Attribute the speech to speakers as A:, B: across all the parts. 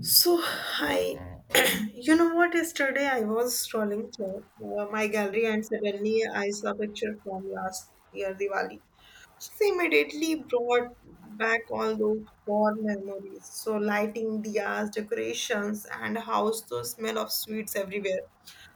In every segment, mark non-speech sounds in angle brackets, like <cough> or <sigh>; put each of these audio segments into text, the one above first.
A: So, I, <clears throat> you know what? Yesterday I was scrolling through my gallery, and suddenly I saw a picture from last year Diwali. So immediately brought back all those core memories. So lighting, diyas, decorations, and house, the smell of sweets everywhere.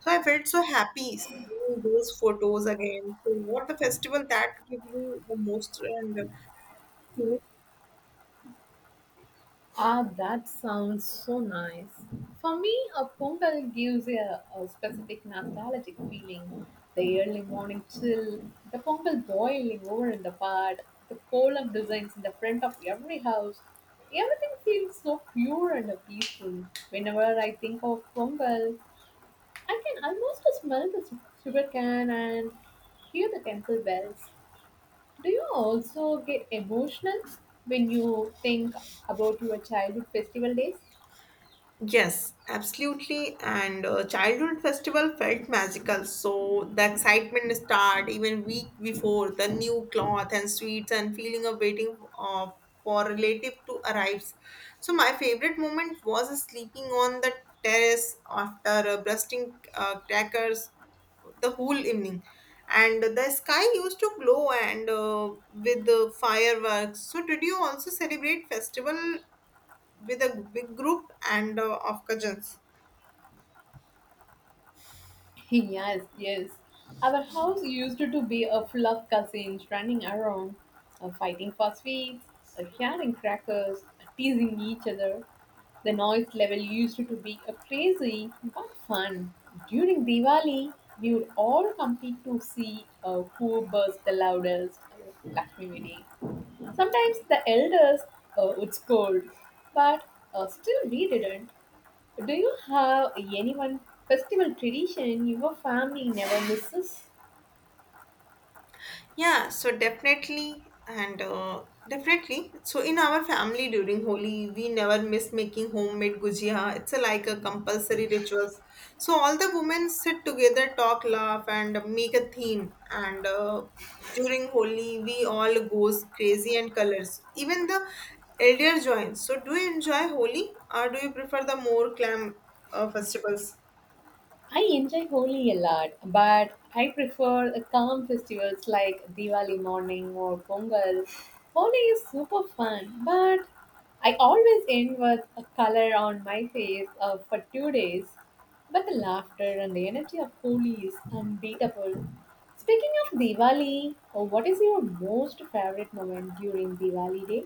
A: So I felt so happy seeing those photos again. So what the festival that give you the most and
B: Ah, that sounds so nice. For me, a pongal gives a specific nostalgic feeling. The early morning chill, the pongal boiling over in the pot, the kolam designs in the front of every house. Everything feels so pure and peaceful. Whenever I think of pongal, I can almost smell the sugar cane and hear the temple bells. Do you also get emotional when you think about your childhood festival days?
A: yes, absolutely. And childhood festival felt magical. So the excitement start even week before, the new cloth and sweets and feeling of waiting for relative to arrives. So my favorite moment was sleeping on the terrace after bursting crackers the whole evening, and the sky used to glow and with the fireworks. So did you also celebrate festival with a big group and of cousins?
B: Yes, yes. Our house used to be a full of cousins running around, fighting for sweets, sharing crackers, teasing each other. The noise level used to be crazy but fun. During Diwali, we would all compete to see who burst the loudest. Lakshmi Vidi. Sometimes the elders would scold, but still we didn't. Do you have any one festival tradition your family never misses?
A: Yeah, so definitely and definitely so in our family during holi we never miss making homemade gujia. It's a, like a compulsory rituals, so all the women sit together, talk, laugh, and make a theme, and during holi we all goes crazy and colors, even the elder joins. So do you enjoy holi or do you prefer the more clam festivals?
B: I enjoy Holi a lot, but I prefer the calm festivals like Diwali morning or Pongal. Holi is super fun, but I always end with a color on my face for 2 days. But the laughter and the energy of Holi is unbeatable. Speaking of Diwali, what is your most favorite moment during Diwali day?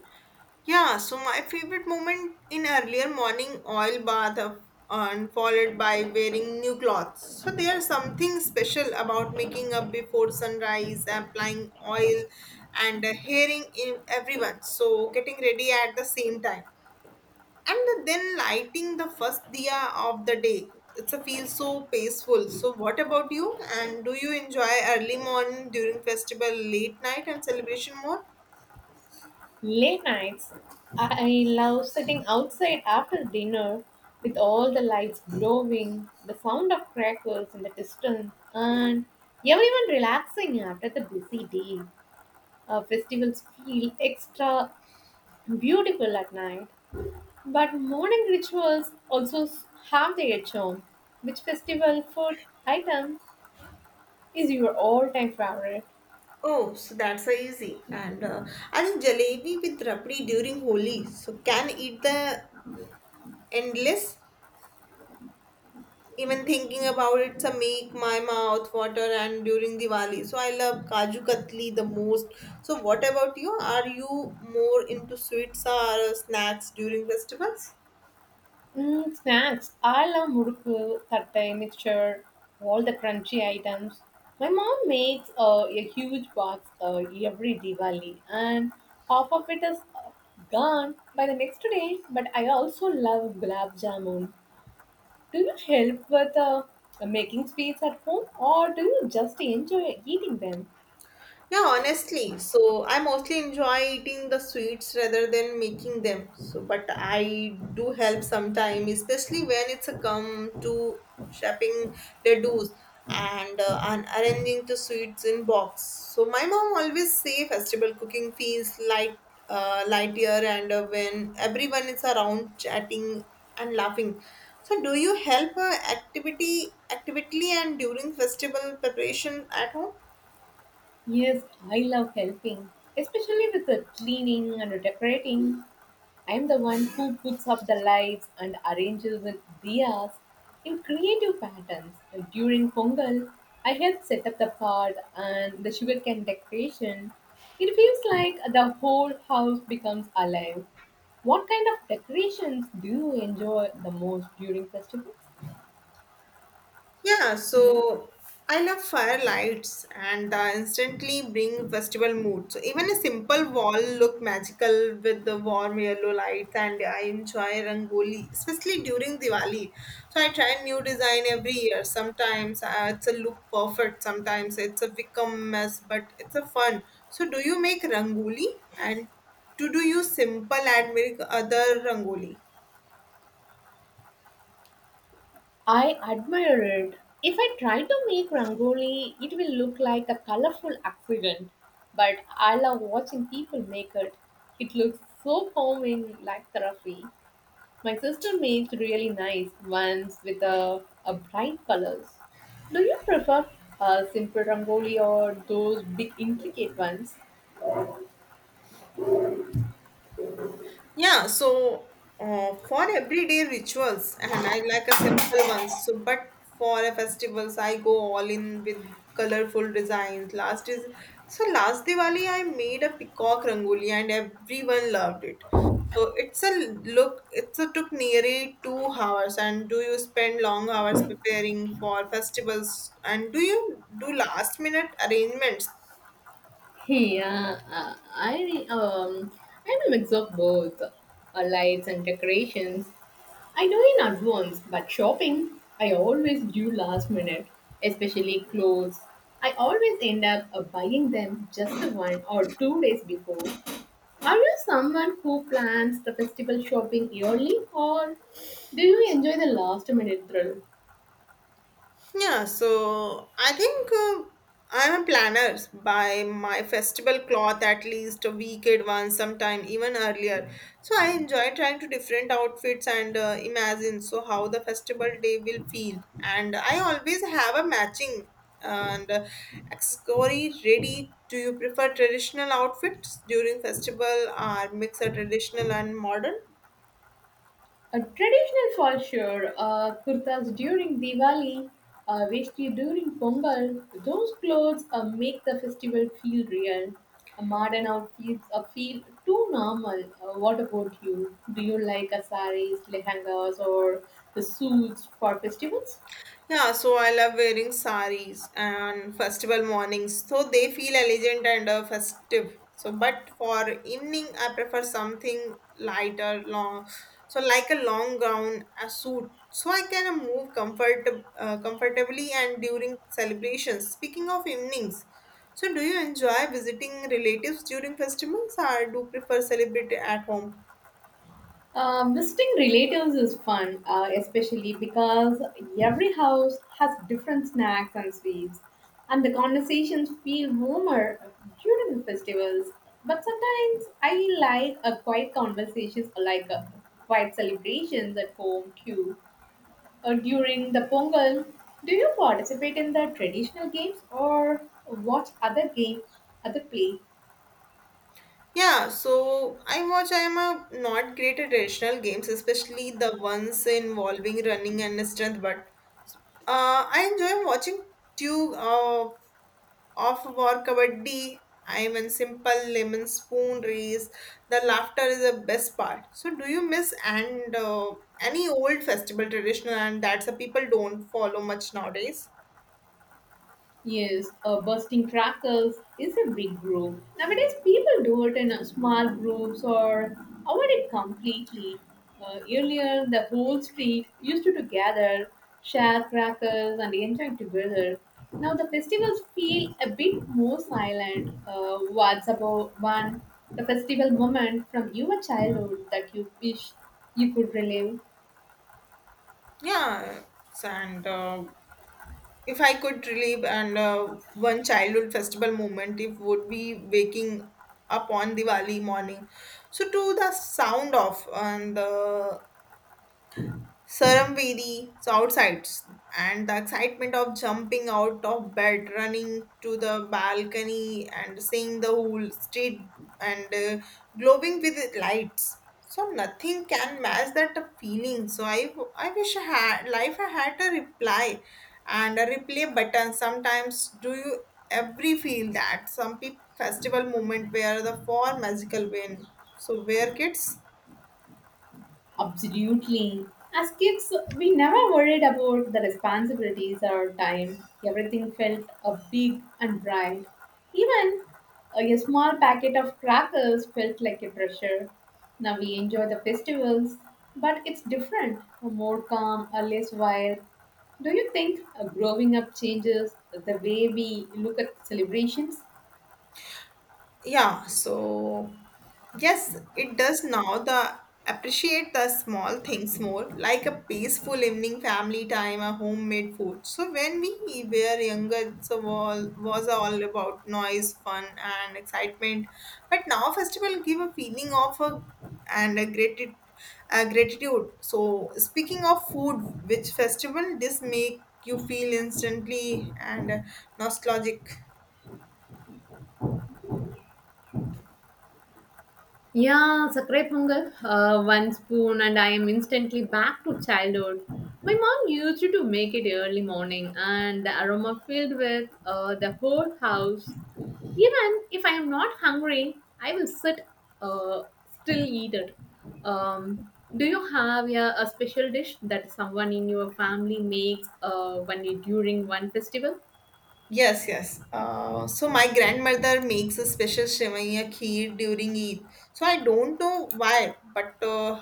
A: Yeah, so my favorite moment in earlier morning oil bath of, and followed by wearing new clothes. So there's something special about making up before sunrise, applying oil and hearing in everyone. So getting ready at the same time. And then lighting the first diya of the day. It's a feel so peaceful. So what about you? And do you enjoy early morning during festival, late night and celebration more?
B: Late nights, I love sitting outside after dinner with all the lights glowing, the sound of crackers in the distance, and everyone relaxing after the busy day. Festivals feel extra beautiful at night, but morning rituals also have their charm. Which festival food item is your all-time favorite?
A: Oh, so that's a easy. And I think jalebi with rabdi during Holi. So can eat the endless. Even thinking about it, so make my mouth water. And during Diwali, so I love kaju katli the most. So what about you? Are you more into sweets or snacks during festivals?
B: Mm, snacks. I love murukku, satay, mixture, all the crunchy items. My mom makes a huge box every Diwali, and half of it is gone by the next day. But I also love gulab jamun. Do you help with making sweets at home, or do you just enjoy eating them?
A: Yeah, honestly, so I mostly enjoy eating the sweets rather than making them. So, but I do help sometime, especially when it's a come to shopping ladoos and, and arranging the sweets in box. So my mom always say festival cooking feels light, lightier, and when everyone is around chatting and laughing. So, do you help activity actively and during festival preparation at home?
B: Yes, I love helping, especially with the cleaning and decorating. I'm the one who puts up the lights and arranges the diyas in creative patterns. Like, during Pongal, I helped set up the pot and the sugarcane decoration. It feels like the whole house becomes alive. What kind of decorations do you enjoy the most during festivals?
A: Yeah, so I love firelights and instantly bring festival mood. So even a simple wall look magical with the warm yellow lights, and I enjoy rangoli, especially during Diwali. So I try new design every year. Sometimes it's a look perfect, sometimes it's a become mess, but it's a fun. So do you make rangoli and to do you simple and make other rangoli?
B: I admire it. If I try to make rangoli, it will look like a colorful accident. But I love watching people make it. It looks so calming, like therapy. My sister makes really nice ones with a bright colors. Do you prefer a simple rangoli or those big intricate ones?
A: Yeah, so for everyday rituals, and I like a simple ones. So, but for a festivals, I go all in with colorful designs. Last is so last Diwali, I made a peacock rangoli, and everyone loved it. So it's a look. It's a took nearly 2 hours. And do you spend long hours preparing for festivals? And do you do last minute arrangements?
B: Hey, I I'm a mix of both lights and decorations. I know in advance, but shopping I always do last minute, especially clothes. I always end up buying them just 1 or 2 days before. Are you someone who plans the festival shopping yearly, or do you enjoy the last minute thrill?
A: Yeah, so I think I'm a planner. Buy my festival cloth at least a week advance, sometime even earlier. So I enjoy trying to different outfits and imagine so how the festival day will feel. And I always have a matching and accessory ready. Do you prefer traditional outfits during festival or mix a traditional and modern?
B: A traditional fall sure, kurtas during Diwali, veshti during Pongal, those clothes make the festival feel real. A modern outfits feel too normal. What about you? Do you like saris, lehengas, or the suits for festivals?
A: Yeah, so I love wearing saris and festival mornings. So they feel elegant and festive. So, but for evening, I prefer something lighter, long. So like a long gown, a suit. So I can move comfortably and during celebrations. Speaking of evenings, so do you enjoy visiting relatives during festivals or do prefer celebrate at home?
B: Visiting relatives is fun, especially because every house has different snacks and sweets, and the conversations feel warmer during the festivals. But sometimes I like a quiet conversations, like a quiet celebrations at home too. Or during the Pongal, do you participate in the traditional games or watch other game, other play?
A: Yeah, so I watch. I am a not great at traditional games, especially the ones involving running and strength. But I enjoy watching two of war kabaddi. I am in simple lemon spoon race. The laughter is the best part. So, do you miss and any old festival traditional and that's a people don't follow much nowadays?
B: Yes, bursting crackers is a big group. Nowadays, people do it in small groups or avoid it completely. Earlier, the whole street used to gather, share crackers, and enjoy together. Now, the festivals feel a bit more silent. What's about one? The festival moment from your childhood that you wish you could relive?
A: Yeah, so and. If I could relive and one childhood festival moment, it would be waking up on Diwali morning. So to the sound of and the Saramvedi, so outside, and the excitement of jumping out of bed, running to the balcony, and seeing the whole street and glowing with lights. So nothing can match that feeling. So I wish I had life. I had a reply and a replay button. Sometimes do you every feel that some pe- festival moment where the four magical win. So where kids
B: Absolutely. As kids, we never worried about the responsibilities or time. Everything felt a big and bright. Even a small packet of crackers felt like a treasure. Now we enjoy the festivals, but it's different, more calm, or less wild. Do you think growing up changes the way we look at celebrations?
A: yeah, so yes, it does now. The appreciate the small things more, like a peaceful evening family time, a homemade food. So when we were younger, so all was all about noise, fun, and excitement. But now festival give a feeling of a and a gratitude. Gratitude. So speaking of food, which festival this make you feel instantly and nostalgic?
B: Yeah, sakrai pongal. One spoon, and I am instantly back to childhood. My mom used to make it early morning, and the aroma filled with the whole house. Even if I am not hungry, I will sit, uh, still eat it. Um, do you have yeah, a special dish that someone in your family makes when you during one festival?
A: Yes, yes. So my grandmother makes a special sivaiya kheer during Eid. So I don't know why, but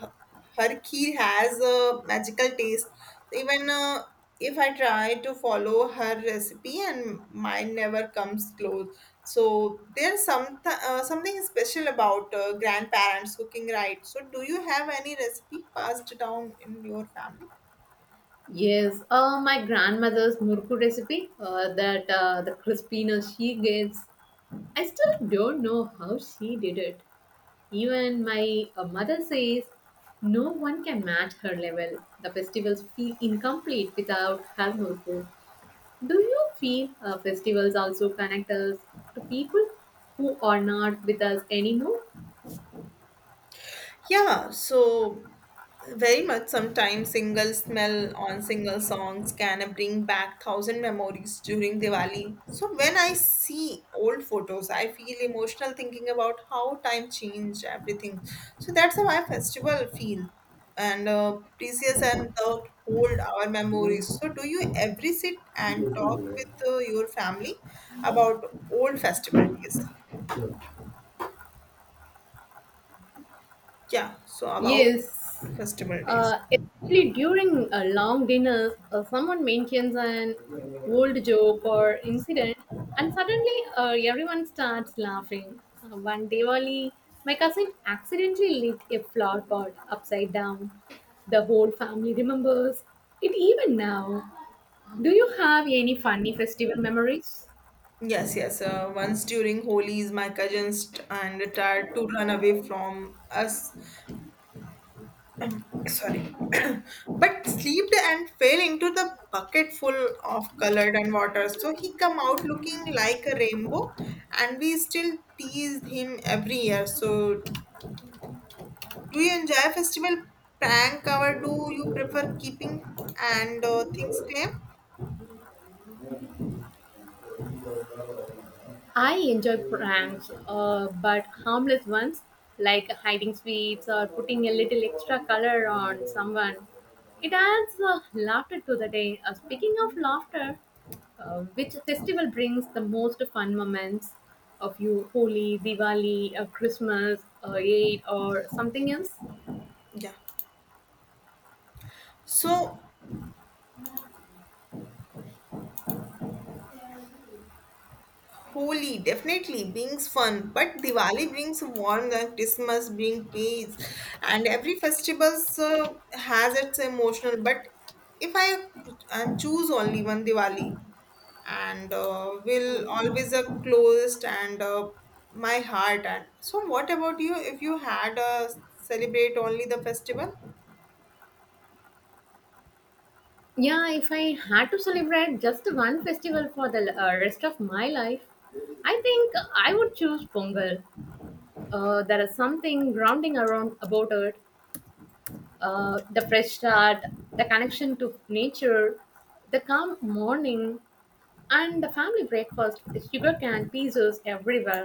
A: her kheer has a magical taste. Even if I try to follow her recipe, and mine never comes close. So there's something special about grandparents cooking right. So do you have any recipe passed down in your family?
B: Yes, my grandmother's murku recipe. That the crispiness she gets I still don't know how she did it. Even my mother says no one can match her level. The festivals feel incomplete without her notebook. Do you feel festivals also connect us to people who are not with us anymore?
A: Yeah, so very much sometimes single smell on single songs can bring back thousand memories during Diwali. So when I see old photos, I feel emotional thinking about how time changed everything. So that's how my festival feel and precious and the hold our memories. So do you ever sit and talk with your family about old festival days? Yeah, so about
B: Yes,
A: festival days.
B: especially during a long dinner, someone mentions an old joke or incident, and suddenly everyone starts laughing. One Diwali, my cousin accidentally lit a flower pot upside down. The whole family remembers it even now. Do you have any funny festival memories?
A: Yes, yes. Once during Holi's, my cousins t- and tried to run away from us. <clears throat> Sorry. <clears throat> But slipped and fell into the bucket full of colored and water. So he come out looking like a rainbow and we still teased him every year. So do you enjoy festival prank or do you prefer keeping and things claim?
B: I enjoy pranks, but harmless ones like hiding sweets or putting a little extra color on someone. It adds laughter to the day. Speaking of laughter, which festival brings the most fun moments of you? Holi, Diwali, Christmas, Eid, or something else?
A: Yeah. So Holi, definitely brings fun, but Diwali brings warmth and Christmas brings peace, and every festival has its emotional. But if I choose only one Diwali, and will always closest and my heart. And so, what about you? If you had celebrate only the festival?
B: Yeah, if I had to celebrate just one festival for the rest of my life, I think I would choose Pongal. There is something grounding around about it. The fresh start, the connection to nature, the calm morning, and the family breakfast with sugar cane pieces everywhere.